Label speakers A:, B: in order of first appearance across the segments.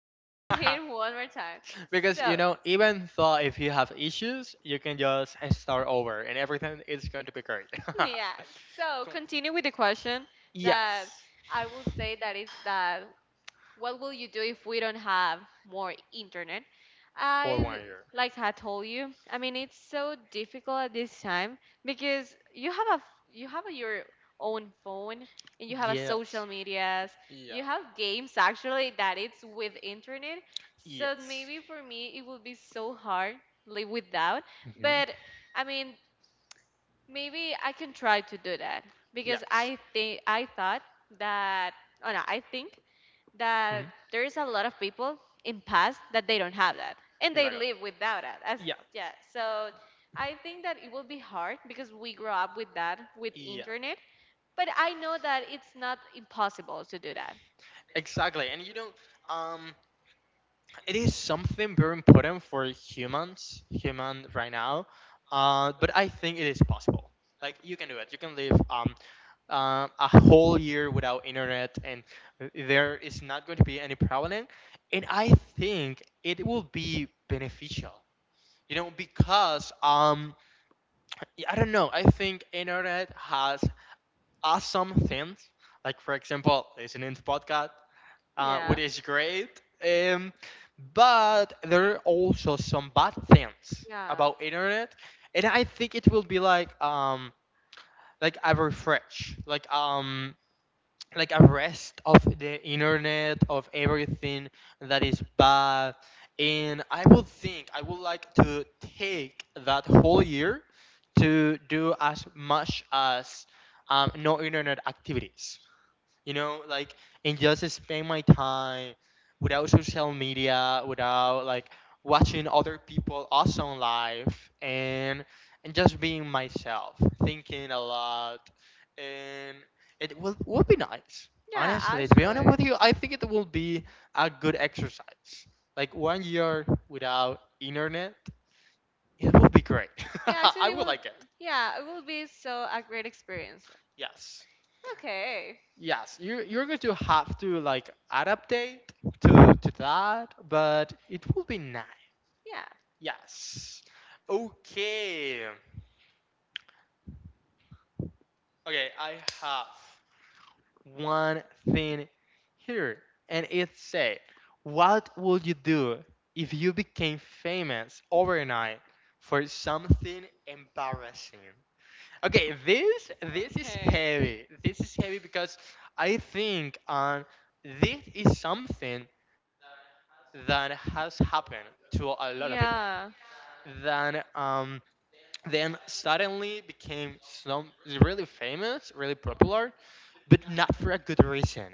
A: but we are here one more time.
B: because you
A: So,
B: know, even though if you have issues, you can just start over and everything is going to be great.
A: yeah. So, continue with the question that
B: Yes.
A: I will say that is that what will you do if we don't have more internet?
B: For
A: I
B: one year.
A: like I told you. I mean, it's so difficult at this time because you have a you have your own phone and you have a
B: Yes.
A: social medias.
B: Yeah.
A: You have games actually that it's with internet. So
B: Yes.
A: maybe for me it would be so hard live without.
B: Hmm.
A: But I mean, maybe I can try to do that because
B: Yes.
A: I thought that. Oh no, I think
B: Hmm.
A: that there's a lot of people in past that they don't have that and they
B: Exactly.
A: live without it as
B: Yeah.
A: yeah, so I think that it will be hard because we grow up with that, with
B: Yeah.
A: internet, but I know that it's not impossible to do that.
B: Exactly, and um, it is something very important for humans, human right now. But I think it is possible. Like you can do it. You can live a whole year without internet, and there is not going to be any problem. And I think it will be beneficial. Because I don't know. I think internet has awesome things. Like for example, listening to podcast,
A: Yeah,
B: which is great. Um, but there are also some bad things
A: yeah,
B: about internet, and I think it will be like a refresh, like a rest of the internet of everything that is bad. And I would think I would like to take that whole year to do as much as no internet activities, like and just spend my time without social media, without like watching other people awesome life, and just being myself, thinking a lot, and it will be nice.
A: yeah,
B: Honestly, to be honest
A: actually,
B: with you, I think it will be a good exercise. Like one year without internet, it will be great.
A: yeah,
B: I
A: actually it
B: would
A: will,
B: like it.
A: yeah, it will be so a great experience.
B: Yes.
A: Okay,
B: Yes, you're going to have to like adaptate to that, but it will be nice.
A: yeah.
B: Yes. Okay. Okay, I have one thing here, and it say, what would you do if you became famous overnight for something embarrassing? Okay, this is
A: Okay,
B: heavy. This is heavy because I think this is something that has happened to a lot of people.
A: yeah,
B: Then um then suddenly became some really famous, really popular, but not for a good reason.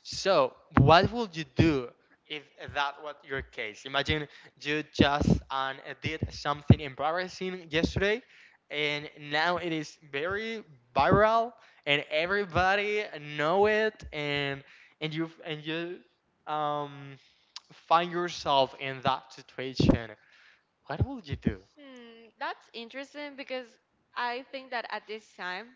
B: So, what would you do if that was your case? Imagine you just did something embarrassing yesterday, and now it is very viral, and everybody know it, and you um, find yourself in that situation. What would you do?
A: that's interesting because I think that at this time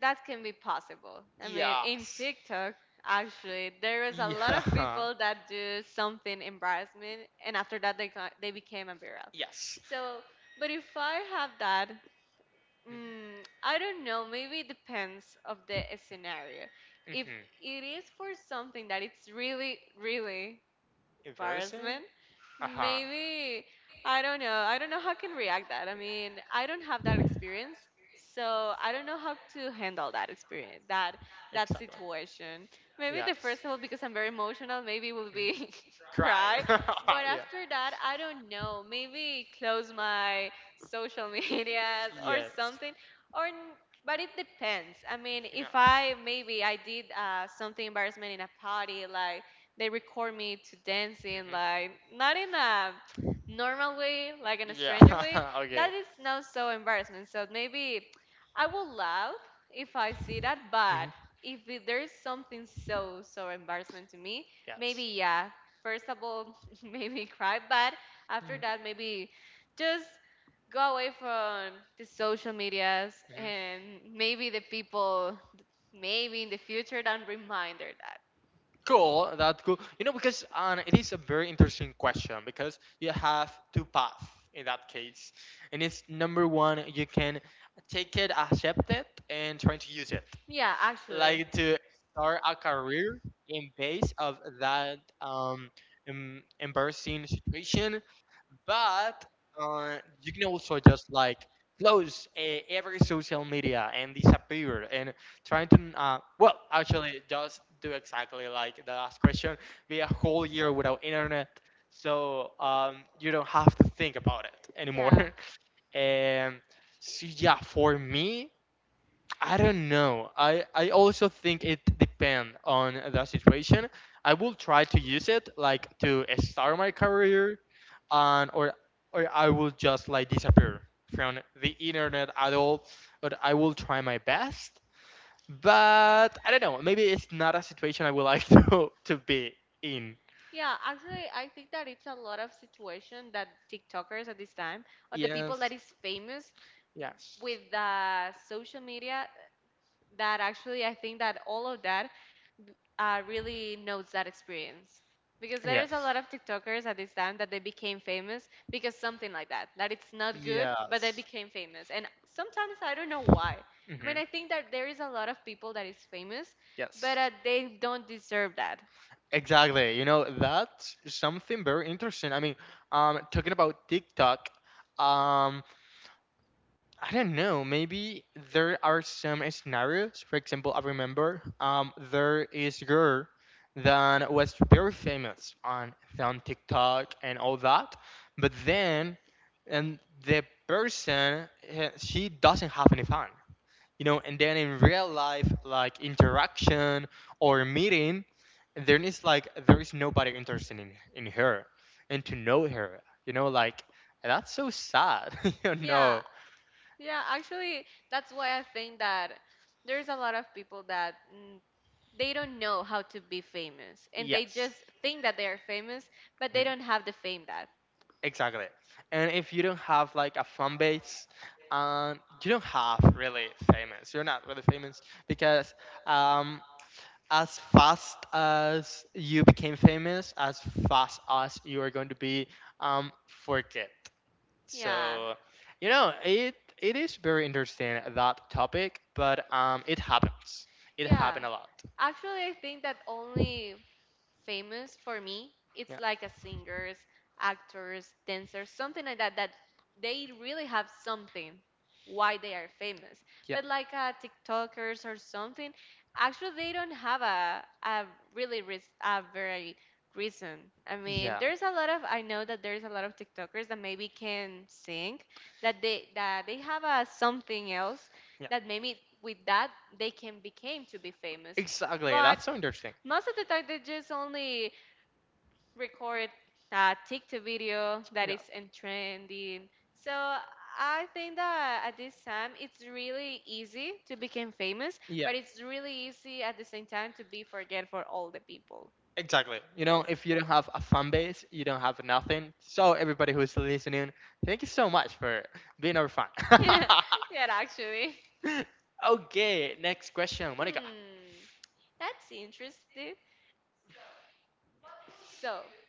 A: that can be possible. I mean, in
B: Yes.
A: TikTok, actually, there is a lot of
B: Yeah.
A: people that do something embarrassment, and after that, they became a viral.
B: Yes.
A: So, but if I have that,
B: Mm-hmm.
A: I don't know. Maybe it depends of the scenario. If
B: Mm-hmm.
A: it is for something that it's really, really
B: Embarrassing?
A: embarrassment,
B: Uh-huh.
A: maybe I don't know how I can react that. I mean, I don't have that experience, so I don't know how to handle that experience, that
B: Exactly.
A: that situation. Maybe
B: Yes.
A: the first one, because I'm very emotional, maybe
B: Mhm.
A: will be
B: Crying.
A: cry. But
B: Yeah.
A: after that, I don't know. Maybe close my social medias or
B: Yes.
A: something. Or, n- but it depends. I mean, if I maybe I did something embarrassment in a party, like they record me to dancing, like not in a normal way, like in a
B: Yeah.
A: stranger
B: Mhm.
A: way.
B: Yeah. Okay.
A: That is not so embarrassment. So maybe I will laugh if I see that.
B: Mhm.
A: But if there's something so so embarrassment to me,
B: Yes.
A: maybe yeah. First of all. Made me cry. But after
B: Mhm.
A: that, maybe just go away from the social medias
B: Mhm.
A: and maybe the people, maybe in the future, don't reminder that.
B: Cool, that's cool. Because it is a very interesting question because you have two paths in that case, and it's number one, you can take it, accept it, and try to use it
A: Yeah, actually.
B: like to start a career in base of that embarrassing situation, but you can also just like close every social media and disappear and trying to well actually just do exactly like the last question, be a whole year without internet, so you don't have to think about it anymore.
A: Yeah.
B: And so yeah, for me, I don't know. I also think it depends on the situation. I will try to use it like to start my career, and or I will just like disappear from the internet at all. But I will try my best. But I don't know, maybe it's not a situation I would like to be in.
A: Yeah, actually, I think that it's a lot of situation that TikTokers at this time, or the people
B: Yes.
A: that is famous
B: Yes.
A: with the social media, that actually I think that all of that really knows that experience. Because there
B: Yes.
A: is a lot of TikTokers at this time that they became famous because something like that. That it's not good, but they
B: Yes.
A: became famous. And sometimes I don't know why. I
B: Hmm.
A: mean, I think that there is a lot of people that is famous,
B: Yes.
A: but they don't deserve that.
B: Exactly. That's something very interesting. I mean, talking about TikTok, um, I don't know, maybe there are some scenarios. For example, I remember there is a girl that was very famous on TikTok and all that, but then and the person she doesn't have any fans, and then in real life, like interaction or meeting, there is nobody interested in her and to know her, you know like that's so sad. you
A: Yeah,
B: know
A: yeah. Actually, that's why I think that there's a lot of people that they don't know how to be famous, and they
B: yes.
A: just think that they are famous, but they don't have the fame.
B: Exactly. And if you don't have like a fan base, you don't have really famous. You're not really famous because um, as fast as you became famous, as fast as you are going to be forget.
A: Yeah.
B: So, you know, it it is very interesting, that topic, but it happens. It
A: Yeah.
B: happened a lot.
A: Actually, I think that only famous for me, it's
B: Yeah,
A: like a singers, actors, dancers, something like that, that they really have something why they are famous.
B: yeah,
A: But like TikTokers or something, actually they don't have a really a very reason. I mean,
B: yeah,
A: there's a lot of I know that there's a lot of TikTokers that maybe can sing, that they have a something else
B: yeah.
A: that maybe with that they can become to be famous.
B: Exactly.
A: But
B: That's so interesting.
A: most of the time, they just only record a TikTok video that
B: Yeah.
A: is in trending. So I think that at this time, it's really easy to become famous,
B: Yeah.
A: but it's really easy at the same time to be forget for all the people.
B: Exactly. If you don't have a fan base, you don't have nothing. So everybody who's listening, thank you so much for being our fan.
A: Yeah, actually.
B: Okay, next question, Monica.
A: Hmm, that's interesting. So, what will you do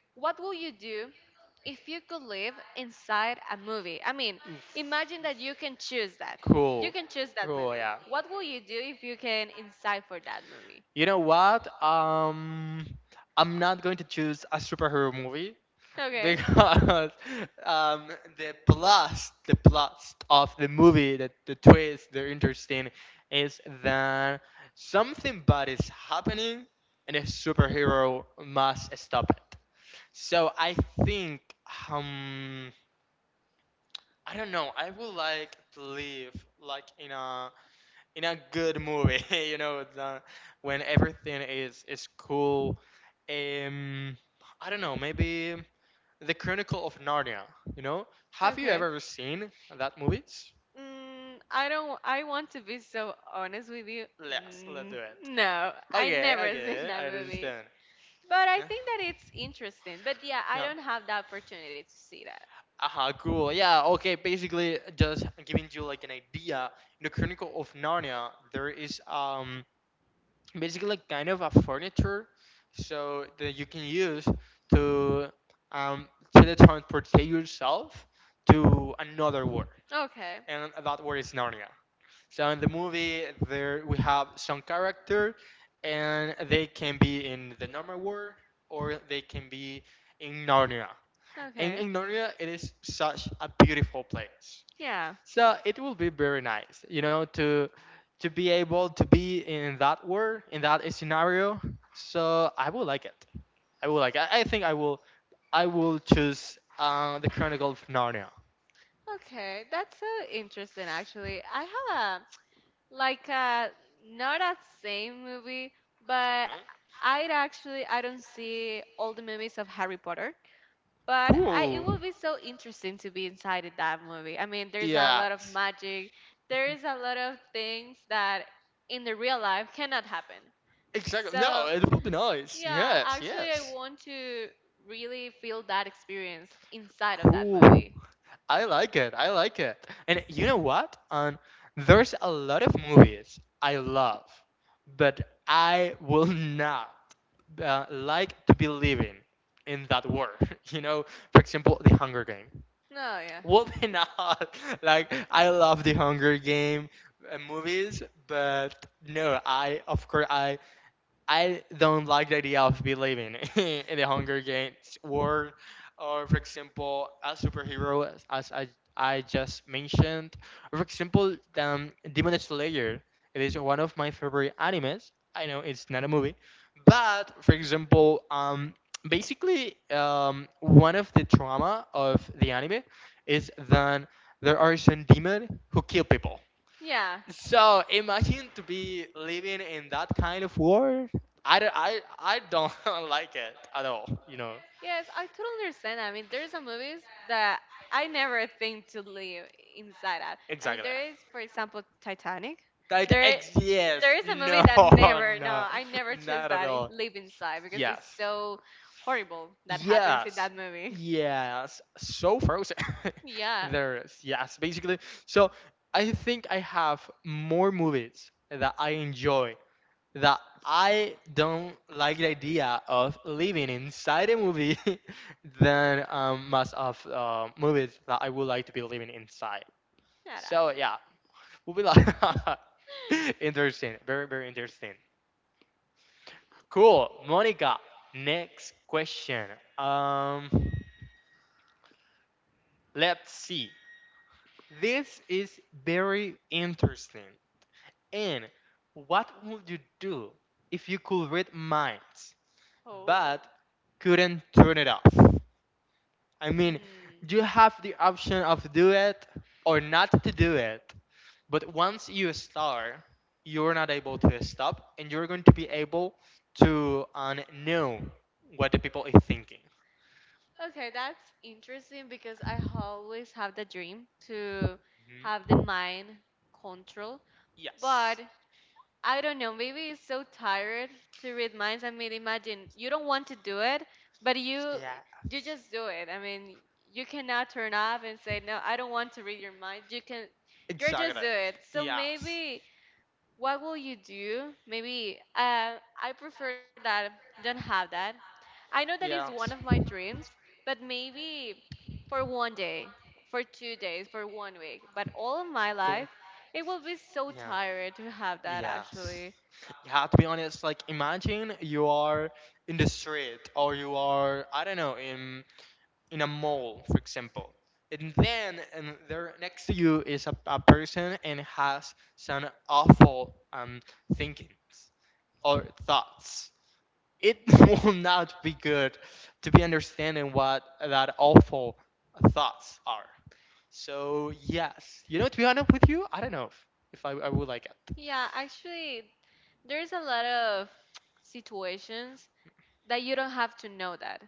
A: if you could live inside a movie? I mean, imagine that you can choose that. You can choose
B: Cool.
A: that movie.
B: Cool,
A: What
B: yeah.
A: will you do if you can inside for that movie?
B: You know what? I'm not going to choose a superhero movie
A: Okay.
B: because um, the plus of the movie, that the twist, the interesting, is that something bad is happening and a superhero must stop it. So I think, um, I don't know. I would like to live like in a good movie. The when everything is cool. Um, I don't know. Maybe the Chronicle of Narnia. You know, have you
A: Okay.
B: ever seen that movie?
A: I don't. I want to be so honest with you.
B: Yes, let's do it.
A: No, I
B: Okay,
A: never seen
B: okay,
A: that
B: I
A: movie.
B: understand.
A: But I
B: Yeah,
A: think that it's interesting. But yeah, I
B: yeah.
A: don't have the opportunity to see.
B: Aha, cool. Yeah, okay. Basically, just giving you like an idea. In the Chronicle of Narnia, there is basically like kind of a furniture so that you can use to um, teletransport yourself to another world,
A: Okay.
B: and that world is Narnia. So in the movie there we have some character, and they can be in the normal world or they can be in Narnia, and
A: Okay.
B: in Narnia it is such a beautiful place.
A: Yeah.
B: So it will be very nice, to be able to be in that world, in that scenario. So I will like it. I will like. I think I will. I will choose the Chronicle of Narnia. Yeah.
A: Okay, that's so interesting actually. I have a like a not a same movie, but I would actually I don't see all the movies of Harry Potter, but
B: Cool.
A: I it will be so interesting to be inside of that movie. I mean, there's a lot of
B: Yes.
A: magic. There is a lot of things that in the real life cannot happen.
B: Exactly. No,
A: So
B: it will be nice.
A: yeah,
B: Yes.
A: actually, I
B: Yes.
A: want to really feel that experience inside of that
B: Cool.
A: movie.
B: I like it. I like it. And you know what? There's a lot of movies I love, but I will not like to be living in that world. You know, for example, The Hunger Game.
A: No, yeah.
B: Will be not like I love The Hunger Game movies, but no, I of course I don't like the idea of believing in the Hunger Games world, or for example, a superhero, as I just mentioned. Or for example, Demon Slayer. It is one of my favorite animes. I know it's not a movie, but for example, basically, one of the trauma of the anime is that there are some demons who kill people.
A: Yeah.
B: So imagine to be living in that kind of world. I don't like it at all.
A: Yes, I totally understand. I mean, there's some movies that I never think to live inside of. I mean,
B: Exactly.
A: there is, for example, Titanic.
B: That
A: There,
B: ex Yes.
A: there is a movie
B: No,
A: that never, no,
B: no.
A: I never choose
B: Not at
A: that in
B: all.
A: live inside because it's
B: Yes.
A: so horrible that happens in
B: Yes.
A: that movie.
B: Yes. So Frozen.
A: Yeah,
B: There is. Yes, basically. So I think I have more movies that I enjoy that I don't like the idea of living inside a movie than most of movies that I would like to be living inside.
A: not
B: So
A: actually.
B: yeah, will be like interesting, very very interesting. Cool, Monica. Next question. Um, let's see. This is very interesting. And what would you do if you could read minds,
A: Oh.
B: but couldn't turn it off? I mean,
A: Hmm.
B: you have the option of do it or not to do it. But once you start, you're not able to stop, and you're going to be able to know what the people is thinking.
A: Okay, that's interesting because I always have the dream to have the
B: Mhm.
A: mind control, but
B: Yes.
A: I don't know, maybe it's so tired to read minds. I mean, imagine you don't want to do it, but you
B: Yeah.
A: you just do it. I mean, you cannot turn off and say, "No, I don't want to read your mind." You are just
B: Exactly.
A: do it. So
B: Yes.
A: maybe what will you do? Maybe I prefer that don't have that. I know that
B: Yes.
A: is one of my dreams, but maybe for one day, for two days, for one week. But all of
B: Cool.
A: my life, it will be
B: Yeah.
A: so tired to have that
B: Yes.
A: actually.
B: Yeah, to be honest, like imagine you are in the street, or you are I don't know, in a mall, for example, and then and there next to you is a person and has some awful thinkings or thoughts. It will not be good to be understanding what that awful thoughts are. So yes, to be honest with you, I don't know if I would like it.
A: Yeah, actually, there's a lot of situations that you don't have to know that.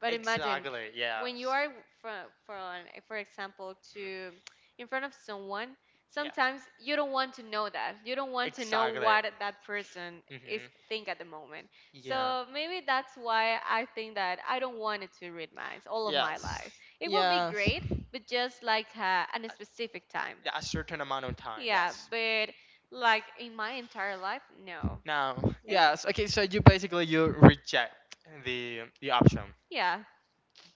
A: But imagine
B: Exactly.
A: when you
B: Yes.
A: are for for example to in front of someone,
B: Yeah,
A: sometimes you don't want to know that. You don't want to know
B: exactly.
A: what that person is
B: Hmm.
A: think at the moment.
B: Yeah.
A: So maybe that's why I think that I don't want it to read minds all of my
B: Yes.
A: life. It will be
B: Yes.
A: great, but just like at a specific time.
B: Yeah, a certain amount of time.
A: Yeah,
B: Yes.
A: but like in my entire life, no.
B: Now,
A: It, w-
B: yes. Okay, so you basically you reject the option.
A: yeah,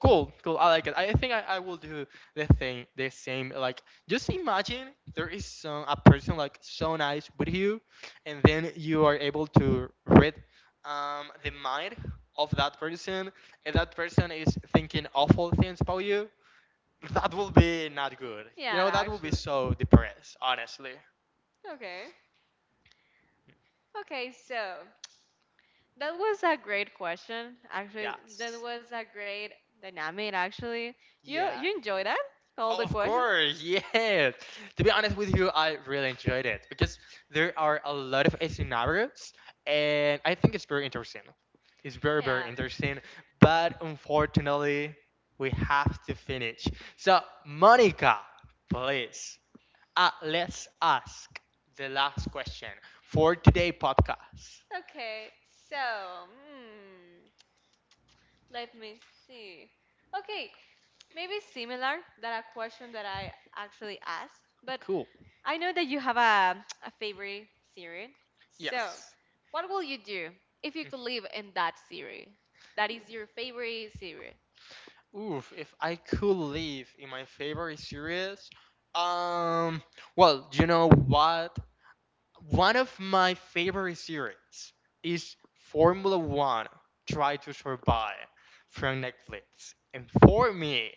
B: Cool, cool. I like it. I think I will do the thing, the same. Like, just imagine there is some a person like so nice with you, and then you are able to read the mind of that person, and that person is thinking awful things about you. That will be not good.
A: yeah,
B: That will be
A: actually.
B: so depressed, honestly.
A: Okay. Okay, so that was a great question. Actually,
B: Yeah.
A: that was a great dynamic actually. You
B: Yeah.
A: you enjoy that? All the
B: Of
A: questions?
B: course, yes. To be honest with you, I really enjoyed it because there are a lot of scenarios, and I think it's very interesting. It's very,
A: Yeah.
B: very interesting, but unfortunately, we have to finish. So, Monica, please, let's ask the last question for today podcast.
A: Okay, so let me see. Okay, maybe similar than a question that I actually asked, but
B: Cool.
A: I know that you have a favorite series. So,
B: Yes.
A: what will you do if you could live in that series? That is your favorite series.
B: Oof, if I could live in my favorite series, um, well, you know what? One of my favorite series is Formula One Try to Survive from Netflix. And for me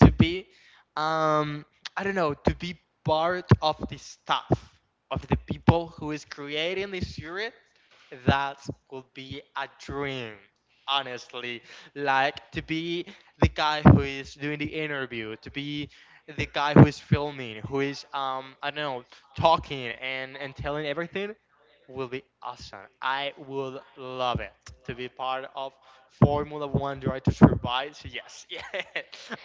B: to be, um, I don't know, to be part of the staff, of the people who is creating this series, that would be a dream. Honestly, like to be the guy who is doing the interview, to be the guy who is filming, who is I don't know, talking and telling everything will be awesome. I would love it to be part of Formula One Drive to Survive. So yes, yeah,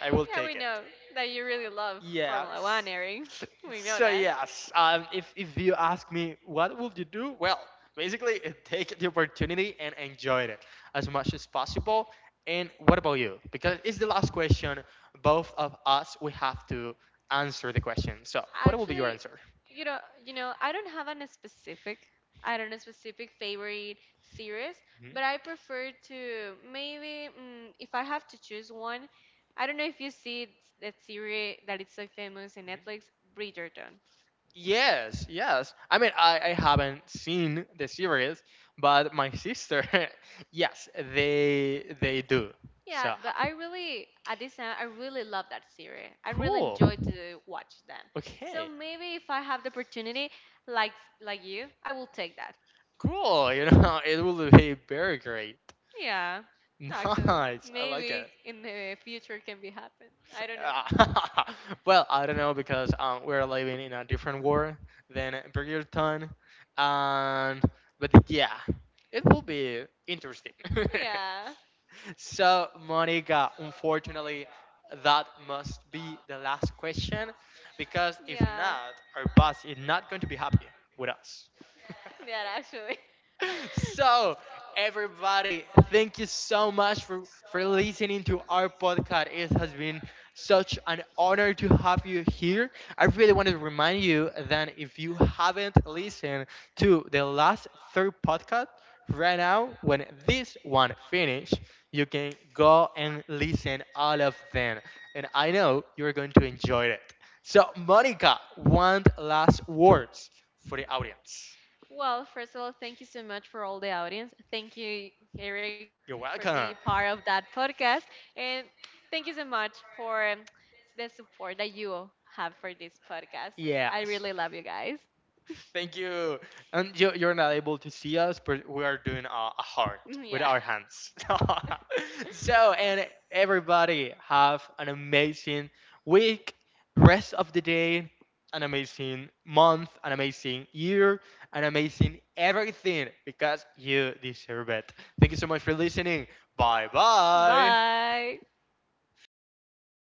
B: I
A: we
B: will
A: know
B: take it.
A: that you really love Formula
B: Yes.
A: One, Erin. We know
B: So
A: that.
B: yes, if you ask me what would you do, well, basically take the opportunity and enjoy it as much as possible. And what about you? Because it's the last question. Both of us we have to answer the question. So what will be your
A: Actually,
B: answer?
A: you know, I don't have an a specific, I don't know, specific favorite series,
B: Mhm.
A: but I prefer to maybe if I have to choose one, I don't know if you that series that is so famous in
B: Mhm.
A: Netflix, Bridgerton.
B: Yes, yes. I mean, I haven't seen the series, but my sister, yes, they do.
A: Yeah,
B: So
A: but I really at this time I really love that series. I really
B: cool.
A: enjoy to watch them. So
B: Okay,
A: maybe if I have the opportunity, like like you, I will take that.
B: cool. It will be very great.
A: Yeah, actually,
B: Nice. I like
A: maybe
B: it.
A: in the future can be happen. I don't know.
B: Uh, well, I don't know because we're living in a different world than Bridgerton, and but yeah, it will be interesting.
A: Yeah,
B: So, Monica, unfortunately, that must be the last question,
A: yeah,
B: because if not, our boss is not going to be happy with us.
A: yeah. Actually,
B: So everybody, thank you so much for listening to our podcast. It has been such an honor to have you here. I really want to remind you that if you haven't listened to the last third podcast, right now when this one finish, you can go and listen all of them, and I know you're going to enjoy it. So Monica, one last words for the audience.
A: well, first of all, thank you so much for all the audience. Thank you, Eric,
B: You're
A: for being
B: welcome.
A: part of that podcast, and thank you so much for the support that you have for this podcast. I
B: Yes.
A: really love you guys.
B: Thank you. And you're not able to see us, but we are doing a heart with our
A: Yeah.
B: hands. And everybody have an amazing week, rest of the day, an amazing month, an amazing year, an amazing everything, because you deserve it. Thank you so much for listening. Bye bye.
A: Bye.